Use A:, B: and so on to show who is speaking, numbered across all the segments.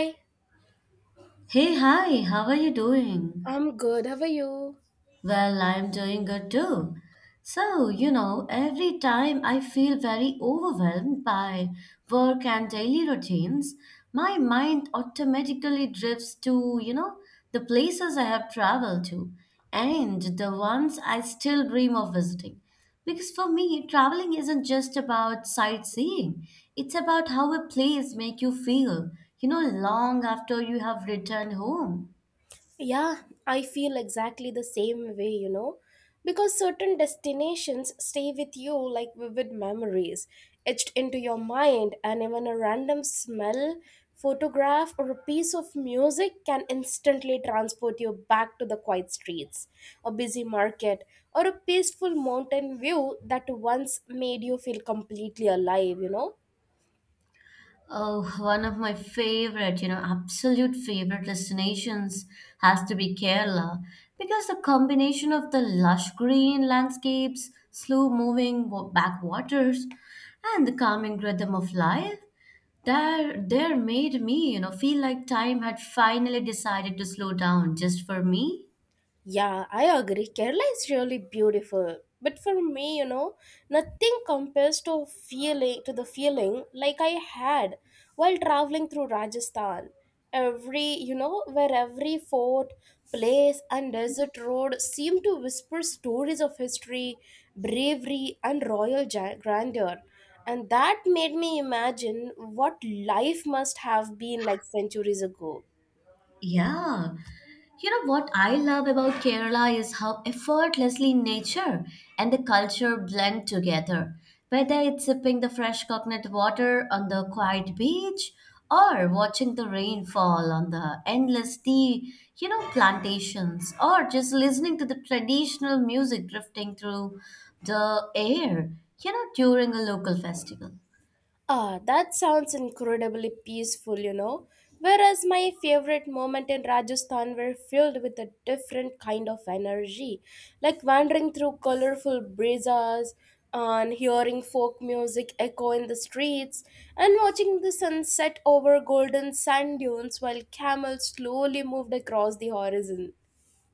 A: Hi,
B: Hey, hi, how are you doing?
A: I'm good. How are you?
B: Well, I'm doing good too. So, every time I feel very overwhelmed by work and daily routines, my mind automatically drifts to, the places I have traveled to and the ones I still dream of visiting. Because for me, traveling isn't just about sightseeing, it's about how a place makes you feel, long after you have returned home.
A: Yeah, I feel exactly the same way, because certain destinations stay with you like vivid memories, etched into your mind, and even a random smell, photograph, or a piece of music can instantly transport you back to the quiet streets, a busy market, or a peaceful mountain view that once made you feel completely alive?
B: Oh, one of my favorite, absolute favorite destinations has to be Kerala because the combination of the lush green landscapes, slow moving backwaters, and the calming rhythm of life there made me, feel like time had finally decided to slow down just for me.
A: Yeah, I agree. Kerala is really beautiful. But for me, nothing compares to feeling to the feeling like I had while traveling through Rajasthan. Where every fort, place and desert road seem to whisper stories of history, bravery and grandeur. And that made me imagine what life must have been like centuries ago.
B: Yeah. You know what I love about Kerala is how effortlessly nature and the culture blend together. Whether it's sipping the fresh coconut water on the quiet beach or watching the rain fall on the endless tea, plantations or just listening to the traditional music drifting through the air, during a local festival.
A: Ah, that sounds incredibly peaceful. Whereas my favorite moment in Rajasthan were filled with a different kind of energy, like wandering through colorful brisas and hearing folk music echo in the streets and watching the sunset over golden sand dunes while camels slowly moved across the horizon.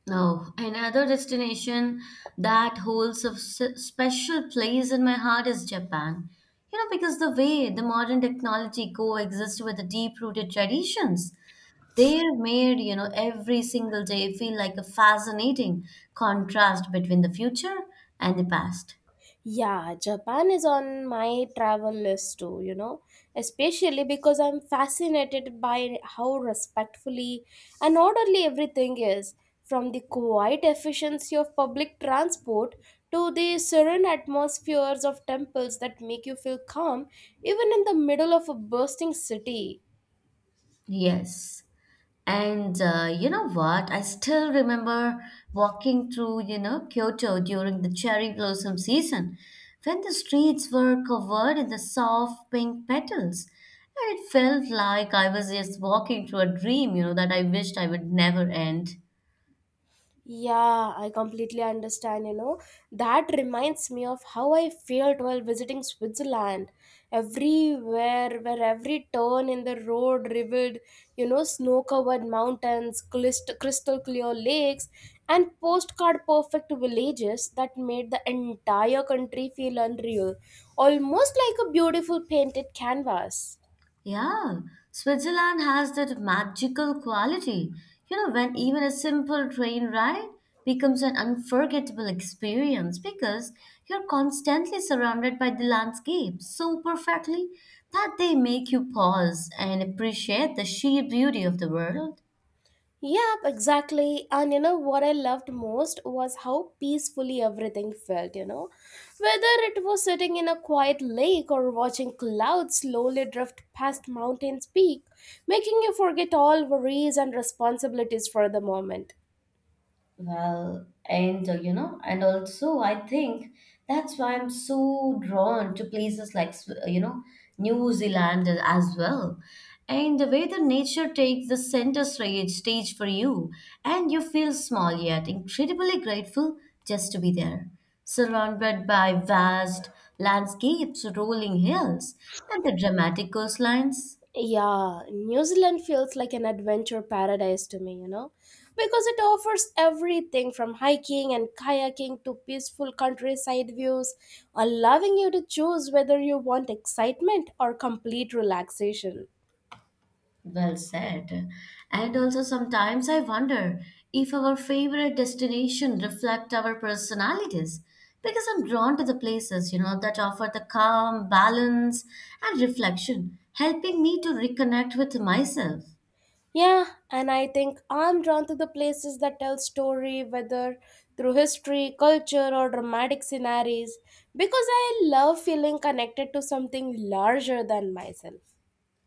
B: Oh, another destination that holds a special place in my heart is Japan. You know, because the way the modern technology coexists with the deep-rooted traditions, they're made, every single day feel like a fascinating contrast between the future and the past.
A: Yeah, Japan is on my travel list too, especially because I'm fascinated by how respectfully and orderly everything is, from the quiet efficiency of public transport to the serene atmospheres of temples that make you feel calm even in the middle of a bursting city.
B: Yes. And you know what? I still remember walking through, Kyoto during the cherry blossom season when the streets were covered in the soft pink petals. And it felt like I was just walking through a dream, that I wished I would never end.
A: Yeah, I completely understand. You know, that reminds me of how I felt while visiting Switzerland. Where every turn in the road revealed, snow covered mountains, crystal clear lakes, and postcard perfect villages that made the entire country feel unreal, almost like a beautiful painted canvas.
B: Yeah, Switzerland has that magical quality. You know, when even a simple train ride becomes an unforgettable experience because you're constantly surrounded by the landscape so perfectly that they make you pause and appreciate the sheer beauty of the world.
A: Yep, exactly. And you know what I loved most was how peacefully everything felt. Whether it was sitting in a quiet lake or watching clouds slowly drift past mountain's peak, making you forget all worries and responsibilities for the moment.
B: And also I think that's why I'm so drawn to places like, New Zealand as well. And the way the nature takes the center stage for you, and you feel small yet incredibly grateful just to be there, surrounded by vast landscapes, rolling hills, and the dramatic coastlines.
A: Yeah, New Zealand feels like an adventure paradise to me, because it offers everything from hiking and kayaking to peaceful countryside views, allowing you to choose whether you want excitement or complete relaxation.
B: Well said. And also, sometimes I wonder if our favorite destination reflect our personalities because I'm drawn to the places, that offer the calm, balance, and reflection, helping me to reconnect with myself.
A: Yeah, and I think I'm drawn to the places that tell story, whether through history, culture, or dramatic scenarios, because I love feeling connected to something larger than myself.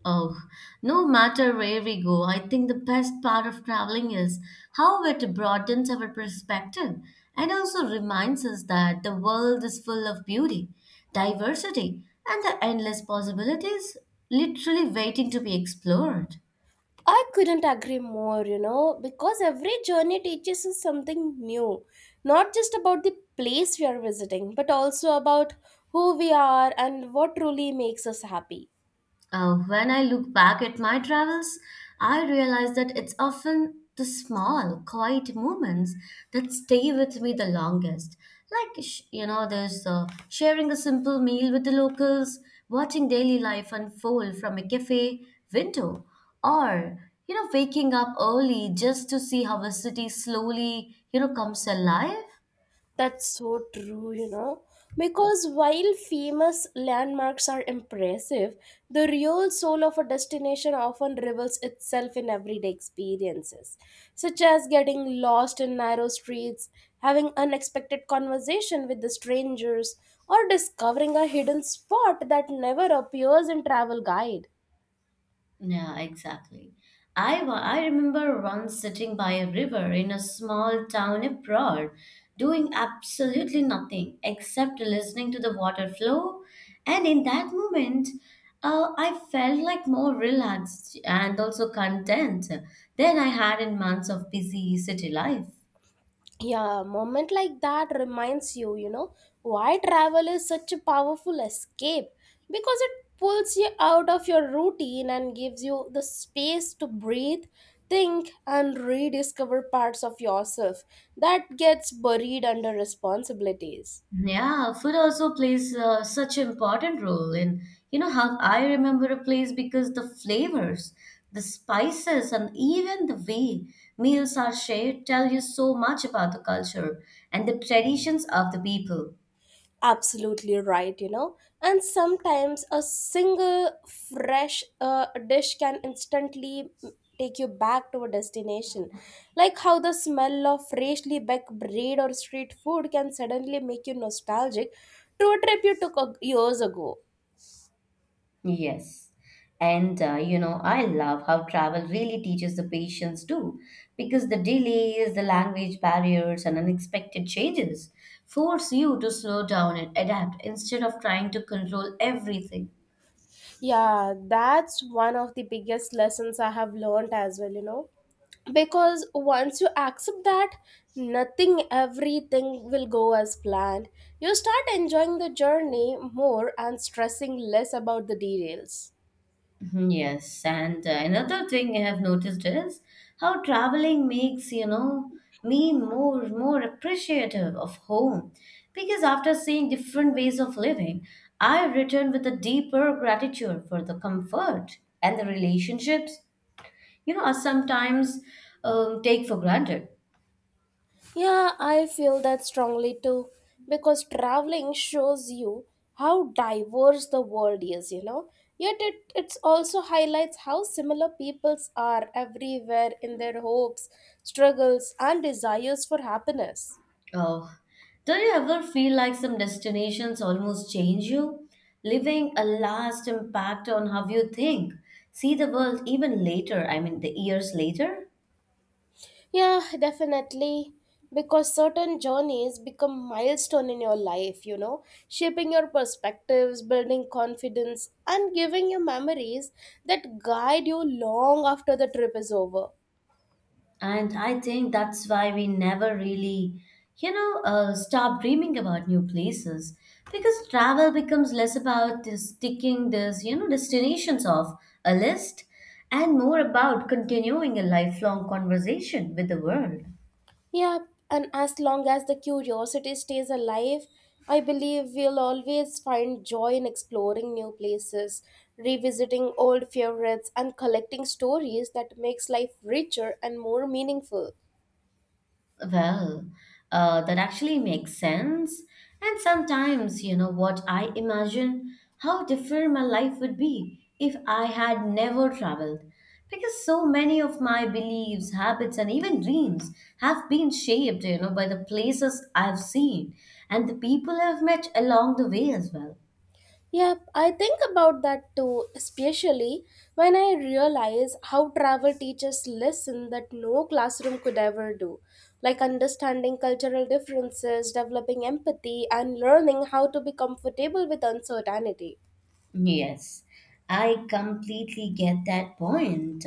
B: Oh, no matter where we go, I think the best part of traveling is how it broadens our perspective and also reminds us that the world is full of beauty, diversity, and the endless possibilities literally waiting to be explored.
A: I couldn't agree more, because every journey teaches us something new, not just about the place we are visiting, but also about who we are and what truly makes us happy.
B: When I look back at my travels, I realize that it's often the small, quiet moments that stay with me the longest. There's sharing a simple meal with the locals, watching daily life unfold from a cafe window, or, waking up early just to see how a city slowly, comes alive.
A: That's so true. Because while famous landmarks are impressive, the real soul of a destination often reveals itself in everyday experiences, such as getting lost in narrow streets, having unexpected conversation with the strangers, or discovering a hidden spot that never appears in travel guide.
B: Yeah, exactly. I remember once sitting by a river in a small town abroad, doing absolutely nothing except listening to the water flow. And in that moment, I felt like more relaxed and also content than I had in months of busy city life.
A: Yeah, a moment like that reminds you, you know, why travel is such a powerful escape, because it pulls you out of your routine and gives you the space to breathe, think and rediscover parts of yourself that gets buried under responsibilities.
B: Yeah, food also plays such an important role in, how I remember a place because the flavors, the spices, and even the way meals are shared tell you so much about the culture and the traditions of the people.
A: Absolutely right, you know, and sometimes a single fresh dish can instantly take you back to a destination, like how the smell of freshly baked bread or street food can suddenly make you nostalgic to a trip you took years ago.
B: Yes. And I love how travel really teaches the patience too, because the delays, the language barriers, and unexpected changes force you to slow down and adapt instead of trying to control everything.
A: Yeah, that's one of the biggest lessons I have learned as well, you know. Because once you accept that nothing, everything will go as planned, you start enjoying the journey more and stressing less about the details.
B: Mhm. Yes, and another thing I have noticed is how traveling makes, me more appreciative of home because after seeing different ways of living, I return with a deeper gratitude for the comfort and the relationships, are sometimes take for granted.
A: Yeah, I feel that strongly too because traveling shows you how diverse the world is, you know. Yet it also highlights how similar peoples are everywhere in their hopes, struggles, and desires for happiness.
B: Oh, don't you ever feel like some destinations almost change you, leaving a last impact on how you think, see the world even later, I mean, the years later?
A: Yeah, definitely. Because certain journeys become milestone in your life, you know, shaping your perspectives, building confidence, and giving you memories that guide you long after the trip is over.
B: And I think that's why we never really, stop dreaming about new places because travel becomes less about this ticking this, destinations off a list and more about continuing a lifelong conversation with the world.
A: Yeah, and as long as the curiosity stays alive, I believe we'll always find joy in exploring new places, revisiting old favorites, and collecting stories that makes life richer and more meaningful.
B: Well, that actually makes sense. And sometimes, you know what, I imagine how different my life would be if I had never traveled. Because so many of my beliefs, habits, and even dreams have been shaped, by the places I've seen and the people I've met along the way as well.
A: Yep, I think about that too, especially when I realize how travel teaches lesson that no classroom could ever do, like understanding cultural differences, developing empathy, and learning how to be comfortable with uncertainty.
B: Yes, I completely get that point.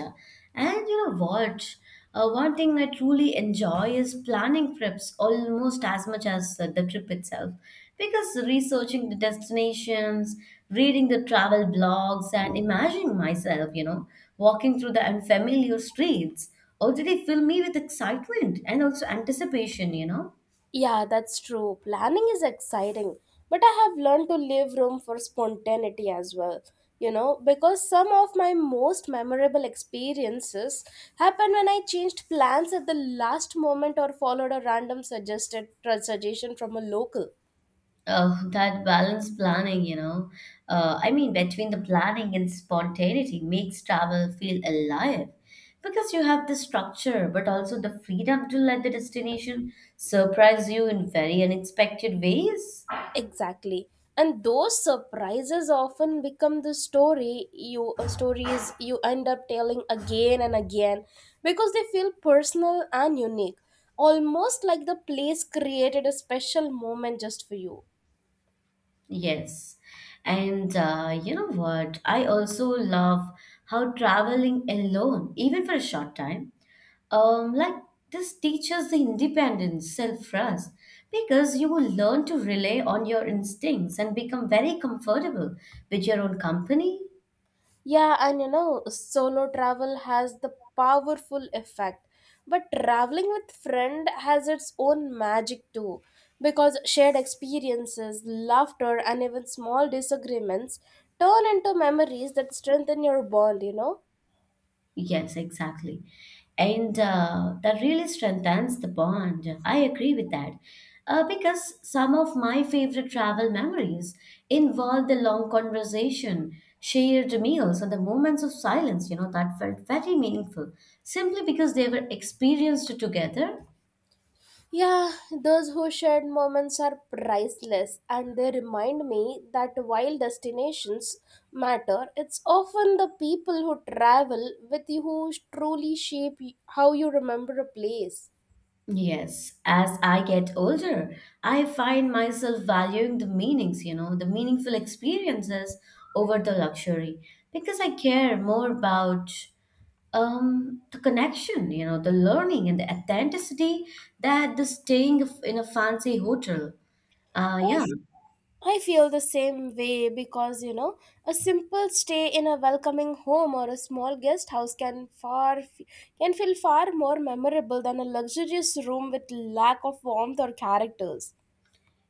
B: And you know what? One thing I truly enjoy is planning trips almost as much as the trip itself. Because researching the destinations, reading the travel blogs, and imagining myself, walking through the unfamiliar streets already fill me with excitement and also anticipation.
A: Yeah, that's true. Planning is exciting, but I have learned to leave room for spontaneity as well. You know, because some of my most memorable experiences happened when I changed plans at the last moment or followed a random suggested suggestion from a local.
B: Oh, that balance planning, between the planning and spontaneity makes travel feel alive because you have the structure, but also the freedom to let the destination surprise you in very unexpected ways.
A: Exactly. And those surprises often become the story you stories you end up telling again and again because they feel personal and unique, almost like the place created a special moment just for you.
B: Yes. And you know what? I also love how traveling alone, even for a short time, like this teaches the independence, self-trust, because you will learn to rely on your instincts and become very comfortable with your own company.
A: Yeah, and you know, solo travel has the powerful effect. But traveling with friend has its own magic too because shared experiences, laughter and even small disagreements turn into memories that strengthen your bond, you know.
B: Yes, exactly. And that really strengthens the bond. I agree with that. Because some of my favorite travel memories involve the long conversation, shared meals, and the moments of silence, that felt very meaningful simply because they were experienced together.
A: Yeah, those who shared moments are priceless and they remind me that while destinations matter, it's often the people who travel with you who truly shape how you remember a place.
B: Yes, as I get older, I find myself valuing the meanings, the meaningful experiences over the luxury because I care more about the connection, the learning and the authenticity that the in a fancy hotel. Uh,
A: I
B: yeah.
A: feel the same way because you know, a simple stay in a welcoming home or a small guest house can can feel far more memorable than a luxurious room with lack of warmth or characters.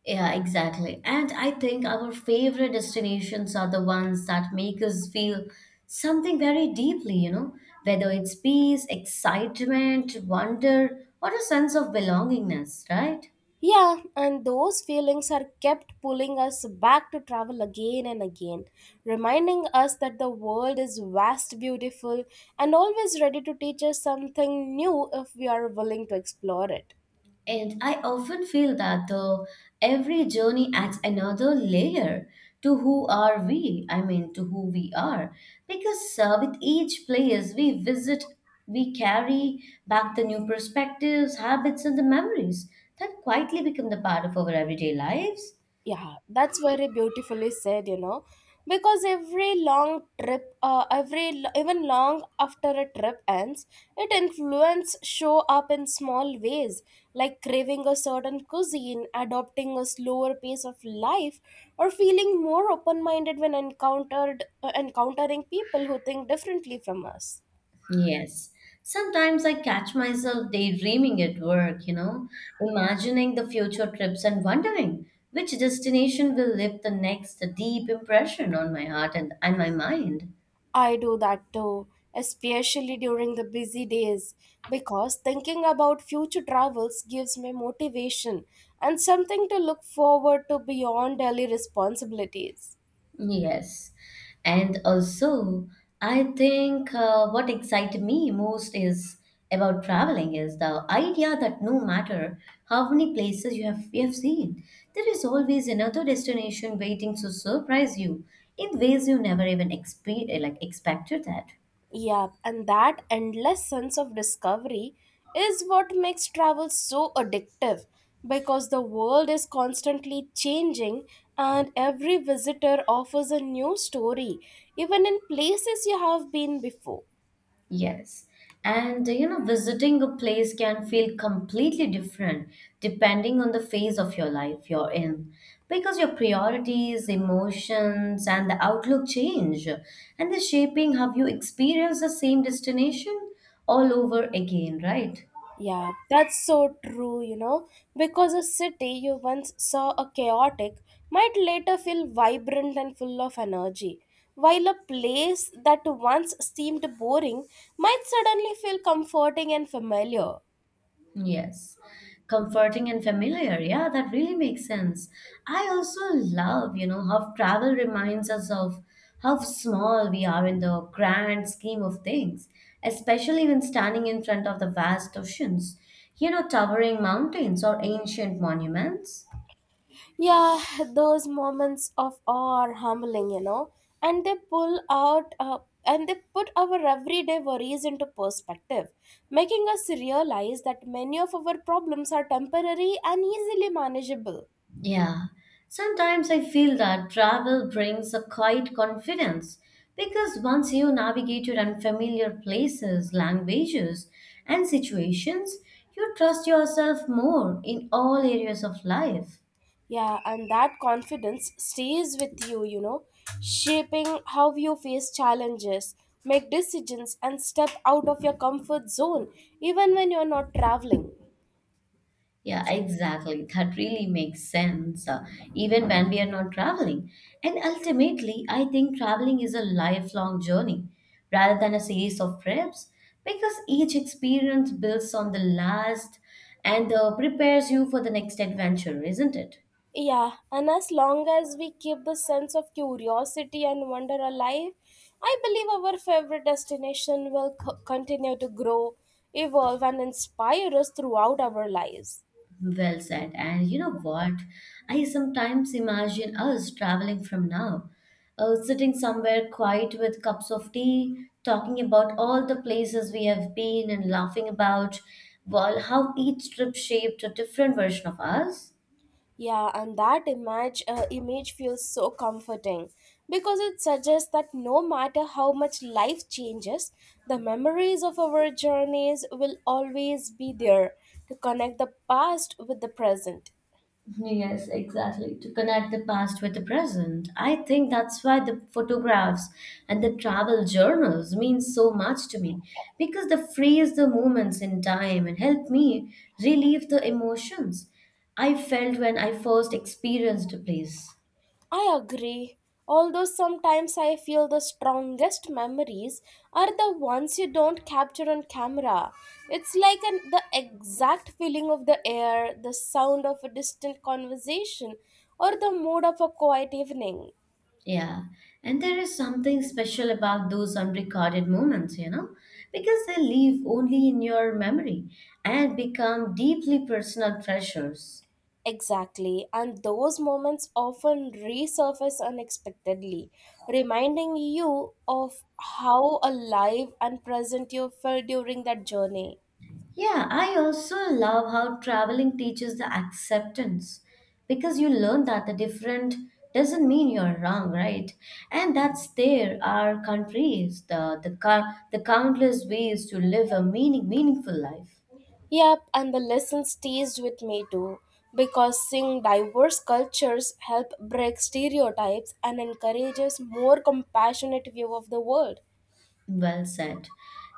B: Yeah, exactly. And I think our favorite destinations are the ones that make us feel something very deeply, whether it's peace, excitement, wonder, or a sense of belongingness, right?
A: Yeah, and those feelings are kept pulling us back to travel again and again, reminding us that the world is vast, beautiful, and always ready to teach us something new if we are willing to explore it.
B: And I often feel that though every journey adds another layer to who we are. Because with each place we visit, we carry back the new perspectives, habits and the memories that quietly become the part of our everyday lives.
A: Yeah, that's very beautifully said, you know, because every even long after a trip ends, it influence show up in small ways, like craving a certain cuisine, adopting a slower pace of life, or feeling more open minded when encountered encountering people who think differently from us.
B: Yes. Sometimes I catch myself daydreaming at work, imagining the future trips and wondering which destination will leave the next deep impression on my heart and my mind.
A: I do that too, especially during the busy days, because thinking about future travels gives me motivation and something to look forward to beyond daily responsibilities.
B: Yes. And also, I think what excited me most is about traveling is the idea that no matter how many places you have seen, there is always another destination waiting to surprise you in ways you never even expected that.
A: Yeah, and that endless sense of discovery is what makes travel so addictive because the world is constantly changing and every visitor offers a new story, even in places you have been before.
B: Yes. And visiting a place can feel completely different depending on the phase of your life you're in because your priorities, emotions, and the outlook change, and the shaping how you experience the same destination all over again, right?
A: Yeah, that's so true, you know, because a city you once saw a chaotic might later feel vibrant and full of energy, while a place that once seemed boring might suddenly feel comforting and familiar.
B: Yes, comforting and familiar. Yeah, that really makes sense. I also love, how travel reminds us of how small we are in the grand scheme of things, especially when standing in front of the vast oceans, towering mountains or ancient monuments.
A: Yeah, those moments of awe are humbling, you know, and they pull out and they put our everyday worries into perspective, making us realize that many of our problems are temporary and easily manageable.
B: Yeah, sometimes I feel that travel brings a quiet confidence because once you navigated unfamiliar places, languages, and situations, you trust yourself more in all areas of life.
A: Yeah, and that confidence stays with you, you know, shaping how you face challenges, make decisions, and step out of your comfort zone, even when you're not traveling.
B: Yeah, exactly. That really makes sense, even when we are not traveling. And ultimately, I think traveling is a lifelong journey rather than a series of trips because each experience builds on the last and prepares you for the next adventure, isn't it?
A: Yeah, and as long as we keep the sense of curiosity and wonder alive, I believe our favorite destination will continue to grow, evolve, and inspire us throughout our lives.
B: Well said. And you know what? I sometimes imagine us traveling from now, sitting somewhere quiet with cups of tea, talking about all the places we have been and laughing about, well, how each trip shaped a different version of us.
A: Yeah, and that image feels so comforting because it suggests that no matter how much life changes, the memories of our journeys will always be there to connect the past with the present.
B: Yes, exactly. To connect the past with the present. I think that's why the photographs and the travel journals mean so much to me because they freeze the moments in time and help me relieve the emotions I felt when I first experienced a place.
A: I agree. Although sometimes I feel the strongest memories are the ones you don't capture on camera. It's like the exact feeling of the air, the sound of a distant conversation, or the mood of a quiet evening.
B: Yeah. And there is something special about those unrecorded moments, because they live only in your memory and become deeply personal treasures.
A: Exactly, and those moments often resurface unexpectedly, reminding you of how alive and present you felt during that journey.
B: Yeah, I also love how traveling teaches the acceptance because you learn that the different doesn't mean you're wrong, right? And that's there are countries, the countless ways to live a meaningful life.
A: Yep, and the lesson stays with me too, because seeing diverse cultures help break stereotypes and encourages more compassionate view of the world.
B: Well said.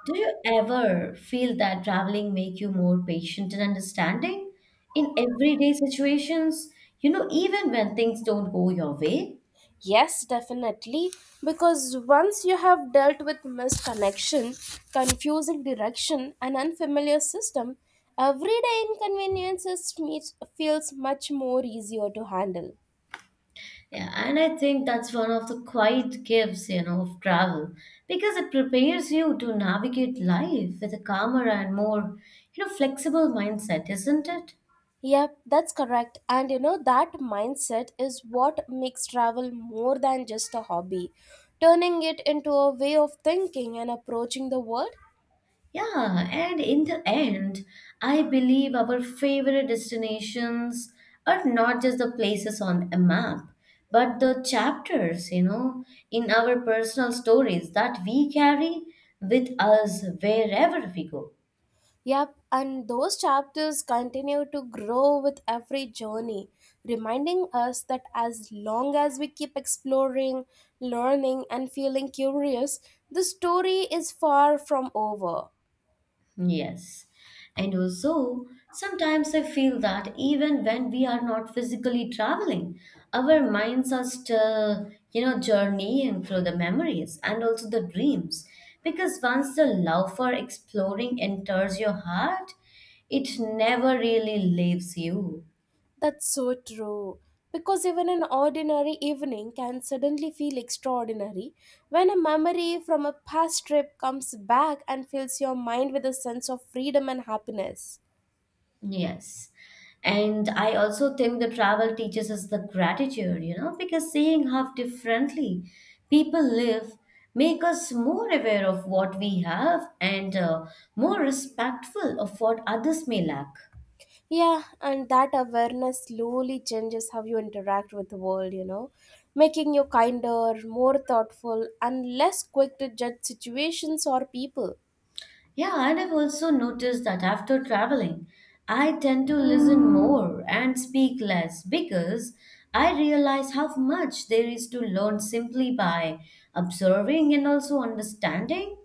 B: Do you ever feel that traveling make you more patient and understanding in everyday situations? You know, even when things don't go your way?
A: Yes, definitely, because once you have dealt with misconnection, confusing direction, and unfamiliar system, everyday inconveniences feels much more easier to handle.
B: Yeah, and I think that's one of the quiet gifts, of travel because it prepares you to navigate life with a calmer and more, flexible mindset, isn't it?
A: Yep, that's correct. And you know, that mindset is what makes travel more than just a hobby, turning it into a way of thinking and approaching the world.
B: Yeah, and in the end, I believe our favorite destinations are not just the places on a map, but the chapters, in our personal stories that we carry with us wherever we go.
A: Yep, and those chapters continue to grow with every journey, reminding us that as long as we keep exploring, learning, and feeling curious, the story is far from over.
B: Yes. And also, sometimes I feel that even when we are not physically traveling, our minds are still, journeying through the memories and also the dreams. Because once the love for exploring enters your heart, it never really leaves you.
A: That's so true. Because even an ordinary evening can suddenly feel extraordinary when a memory from a past trip comes back and fills your mind with a sense of freedom and happiness.
B: Yes. And I also think the travel teaches us the gratitude, because seeing how differently people live make us more aware of what we have and more respectful of what others may lack.
A: Yeah, and that awareness slowly changes how you interact with the world, you know, making you kinder, more thoughtful, and less quick to judge situations or people.
B: Yeah, and I've also noticed that after traveling, I tend to listen more and speak less because I realize how much there is to learn simply by observing and also understanding.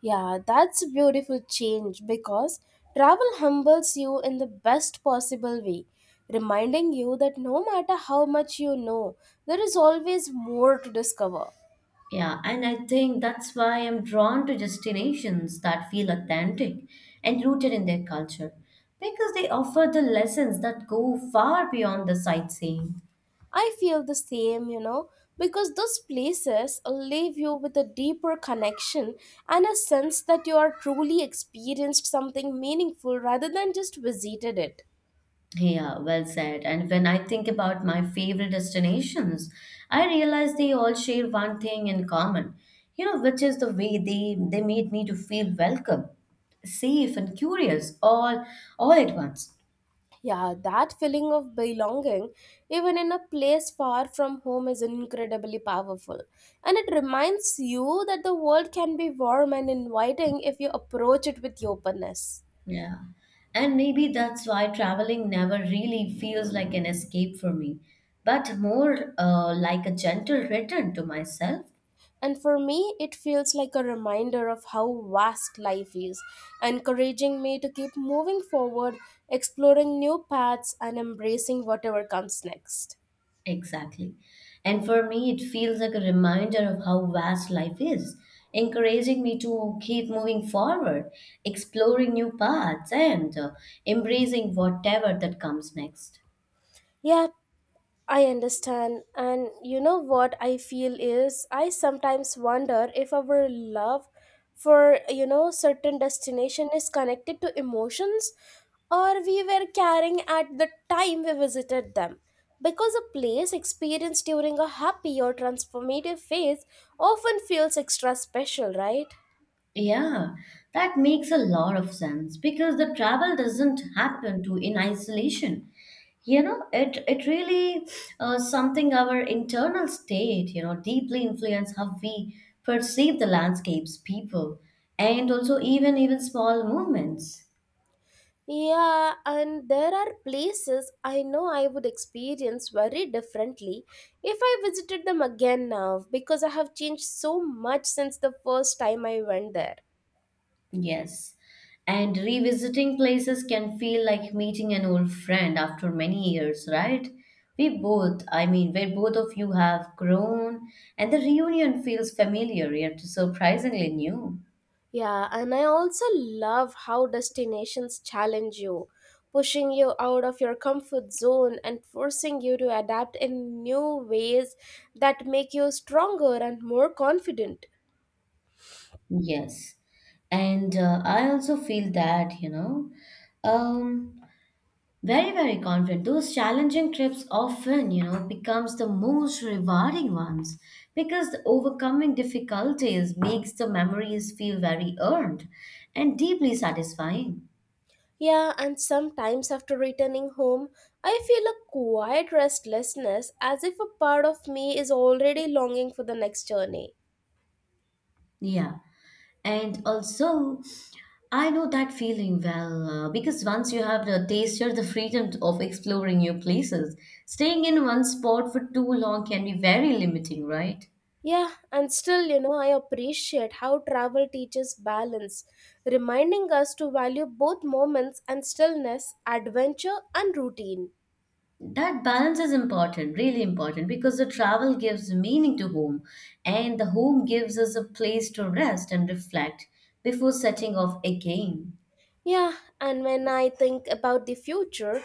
A: Yeah, that's a beautiful change because travel humbles you in the best possible way, reminding you that no matter how much you know, there is always more to discover.
B: Yeah, and I think that's why I'm drawn to destinations that feel authentic and rooted in their culture, because they offer the lessons that go far beyond the sightseeing.
A: I feel the same, you know, because those places leave you with a deeper connection and a sense that you are truly experienced something meaningful rather than just visited it.
B: Yeah, well said. And when I think about my favorite destinations, I realize they all share one thing in common, which is the way they made me to feel welcome, safe, and curious all at once.
A: Yeah, that feeling of belonging, even in a place far from home, is incredibly powerful. And it reminds you that the world can be warm and inviting if you approach it with openness.
B: Yeah. And maybe that's why traveling never really feels like an escape for me, but more like a gentle return to myself.
A: And for me, it feels like a reminder of how vast life is, encouraging me to keep moving forward, exploring new paths, and embracing whatever comes next.
B: Exactly. And for me, it feels like a reminder of how vast life is, encouraging me to keep moving forward, exploring new paths, and embracing whatever that comes next.
A: Yeah, I understand. And you know what I feel is I sometimes wonder if our love for, certain destination is connected to emotions or we were carrying at the time we visited them. Because a place experienced during a happy or transformative phase often feels extra special, right?
B: Yeah, that makes a lot of sense because the travel doesn't happen to in isolation. You know, it really something our internal state, deeply influence how we perceive the landscapes, people, and also even small movements.
A: Yeah, and there are places I know I would experience very differently if I visited them again now because I have changed so much since the first time I went there.
B: Yes. And revisiting places can feel like meeting an old friend after many years, right? We both, I mean, where both of you have grown, and the reunion feels familiar yet surprisingly new.
A: Yeah, and I also love how destinations challenge you, pushing you out of your comfort zone and forcing you to adapt in new ways that make you stronger and more confident.
B: Yes. And I also feel that, um, very, very confident. Those challenging trips often, becomes the most rewarding ones because the overcoming difficulties makes the memories feel very earned and deeply satisfying.
A: Yeah, and sometimes after returning home, I feel a quiet restlessness as if a part of me is already longing for the next journey.
B: Yeah. And also, I know that feeling well because once you have the tasted the freedom of exploring new places, staying in one spot for too long can be very limiting, right?
A: Yeah, and still, you know, I appreciate how travel teaches balance, reminding us to value both moments and stillness, adventure and routine.
B: That balance is important, really important, because the travel gives meaning to home, and the home gives us a place to rest and reflect before setting off again.
A: Yeah, and when I think about the future,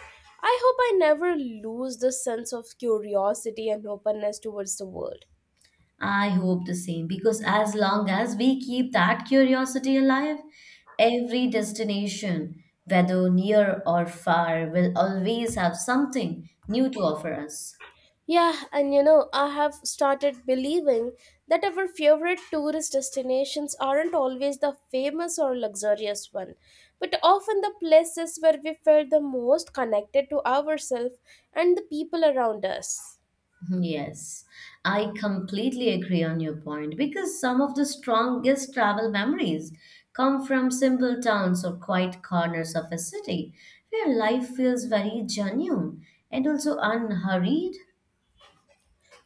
A: I hope I never lose the sense of curiosity and openness towards the world.
B: I hope the same, because as long as we keep that curiosity alive, every destination, whether near or far, will always have something new to offer us.
A: Yeah, and you know, I have started believing that our favorite tourist destinations aren't always the famous or luxurious one, but often the places where we felt the most connected to ourselves and the people around us.
B: Yes, I completely agree on your point because some of the strongest travel memories come from simple towns or quiet corners of a city where life feels very genuine and also unhurried.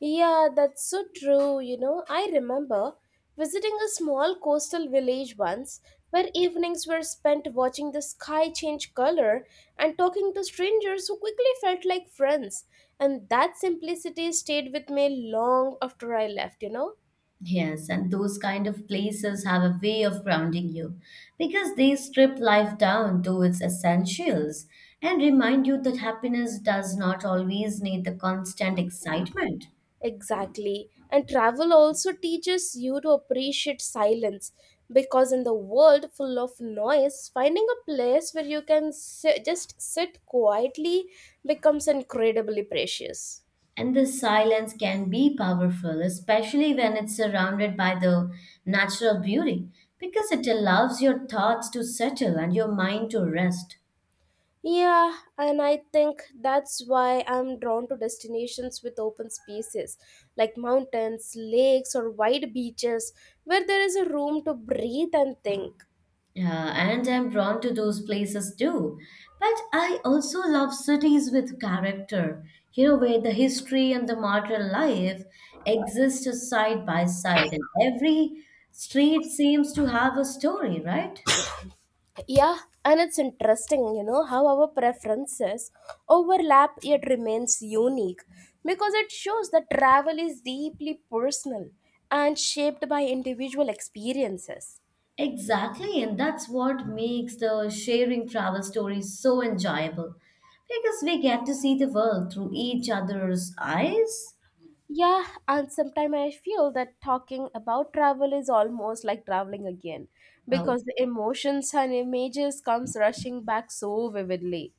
A: Yeah, that's so true. You know, I remember visiting a small coastal village once where evenings were spent watching the sky change color and talking to strangers who quickly felt like friends, and that simplicity stayed with me long after I left.
B: Yes, and those kind of places have a way of grounding you because they strip life down to its essentials and remind you that happiness does not always need the constant excitement.
A: Exactly. And travel also teaches you to appreciate silence because in the world full of noise, finding a place where you can just sit quietly becomes incredibly precious.
B: And the silence can be powerful, especially when it's surrounded by the natural beauty, because it allows your thoughts to settle and your mind to rest.
A: Yeah, and I think that's why I'm drawn to destinations with open spaces like mountains, lakes, or wide beaches where there is a room to breathe and think.
B: And I'm drawn to those places too. But I also love cities with character, where the history and the modern life exist side by side, and every street seems to have a story, right?
A: Yeah, and it's interesting, you know, how our preferences overlap yet remains unique because it shows that travel is deeply personal and shaped by individual experiences.
B: Exactly, and that's what makes the sharing travel stories so enjoyable because we get to see the world through each other's eyes.
A: Yeah, and sometimes I feel that talking about travel is almost like traveling again
B: Oh,
A: because the emotions and images comes rushing back so vividly.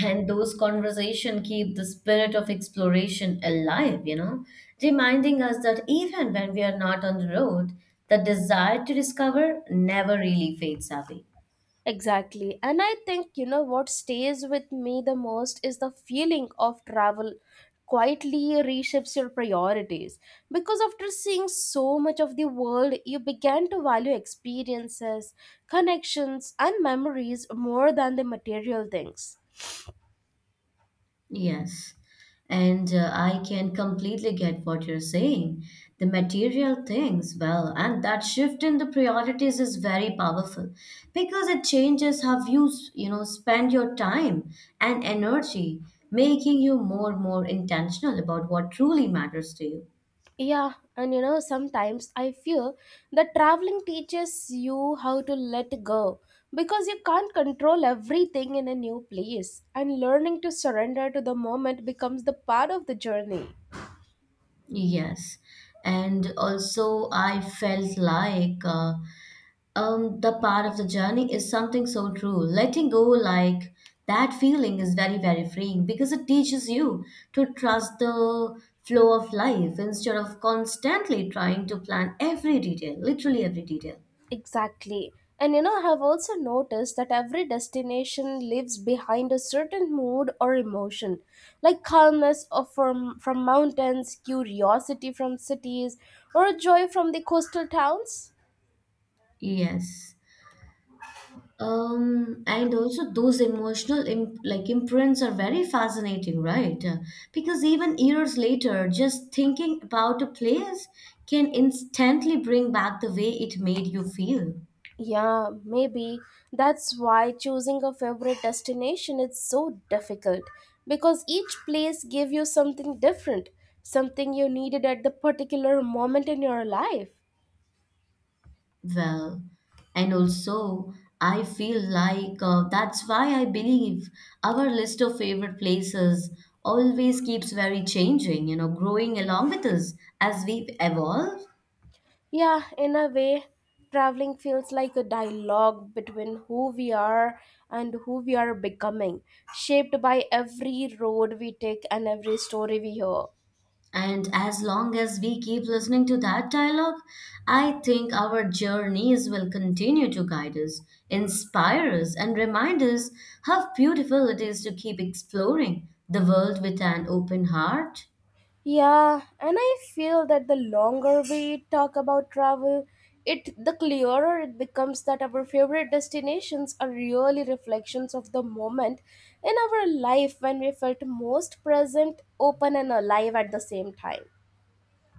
B: and those conversations keep the spirit of exploration alive, reminding us that even when we are not on the road, the desire to discover never really fades away.
A: Exactly. And I think, you know, what stays with me the most is the feeling of travel quietly reshapes your priorities. Because after seeing so much of the world, you began to value experiences, connections, and memories more than the material things.
B: Yes, and I can completely get what you're saying. The material things, well, and that shift in the priorities is very powerful because it changes how you, spend your time and energy, making you more and more intentional about what truly matters to you.
A: Yeah, and you know, sometimes I feel that traveling teaches you how to let go because you can't control everything in a new place, and learning to surrender to the moment becomes the part of the journey.
B: Yes, and also I felt like the part of the journey is something so true. Letting go, like that feeling, is very, very freeing because it teaches you to trust the flow of life instead of constantly trying to plan every detail, literally every detail.
A: Exactly. And you know, I have also noticed that every destination leaves behind a certain mood or emotion, like calmness from mountains, curiosity from cities, or joy from the coastal towns.
B: Yes. And also those emotional imprints are very fascinating, right? Because even years later, just thinking about a place can instantly bring back the way it made you feel.
A: Yeah, maybe that's why choosing a favorite destination is so difficult because each place gave you something different, something you needed at the particular moment in your life.
B: Well, and also, I feel like that's why I believe our list of favorite places always keeps very changing, growing along with us as we evolve.
A: Yeah, in a way, traveling feels like a dialogue between who we are and who we are becoming, shaped by every road we take and every story we hear.
B: And as long as we keep listening to that dialogue, I think our journeys will continue to guide us, inspire us, and remind us how beautiful it is to keep exploring the world with an open heart.
A: Yeah, and I feel that the longer we talk about travel, it the clearer it becomes that our favorite destinations are really reflections of the moment in our life when we felt most present, open and alive at the same time.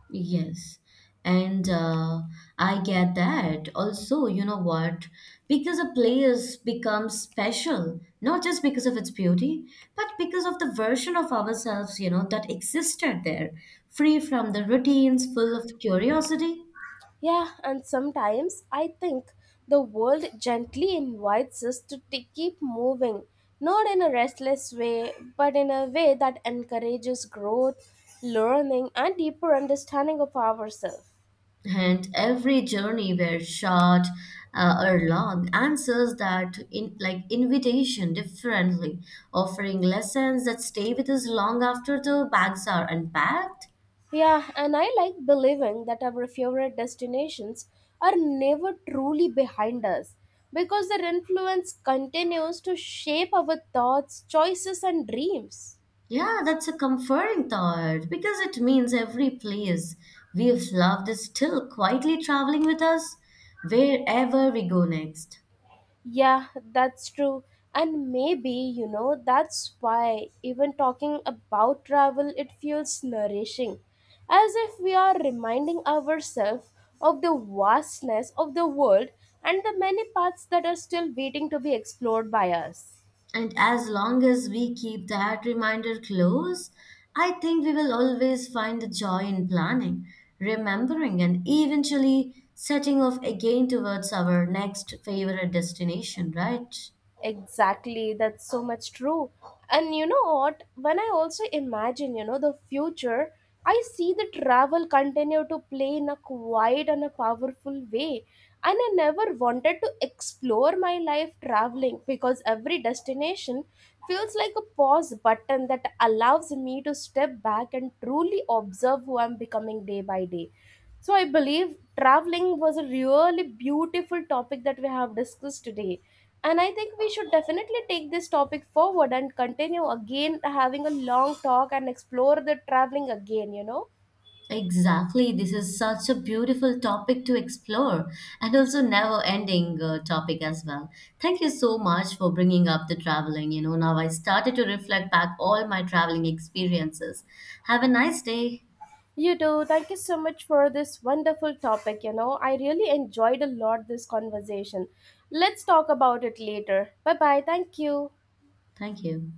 B: Yes, and I get that. Also, you know what? Because a place becomes special, not just because of its beauty, but because of the version of ourselves, that existed there, free from the routines, full of curiosity.
A: Yeah, and sometimes I think the world gently invites us to keep moving, not in a restless way, but in a way that encourages growth, learning, and deeper understanding of ourselves.
B: And every journey, were short or long, answers that in like invitation differently, offering lessons that stay with us long after the bags are unpacked.
A: Yeah, and I like believing that our favorite destinations are never truly behind us because their influence continues to shape our thoughts, choices, and dreams.
B: Yeah, that's a comforting thought because it means every place we've loved is still quietly traveling with us wherever we go next.
A: Yeah, that's true. And maybe, you know, that's why even talking about travel, it feels nourishing, as if we are reminding ourselves of the vastness of the world and the many paths that are still waiting to be explored by us.
B: And as long as we keep that reminder close, I think we will always find the joy in planning, remembering, and eventually setting off again towards our next favorite destination, right?
A: Exactly, that's so much true. And you know what? When I also imagine, you know, the future, I see the travel continue to play in a quiet and a powerful way. And I never wanted to explore my life traveling because every destination feels like a pause button that allows me to step back and truly observe who I'm becoming day by day. So I believe traveling was a really beautiful topic that we have discussed today. And I think we should definitely take this topic forward and continue again having a long talk and explore the traveling again, you know.
B: Exactly. This is such a beautiful topic to explore and also never ending topic as well. Thank you so much for bringing up the traveling. You know, now I started to reflect back all my traveling experiences. Have a nice day.
A: You too. Thank you so much for this wonderful topic. I really enjoyed a lot this conversation. Let's talk about it later. Bye bye. Thank you.
B: Thank you.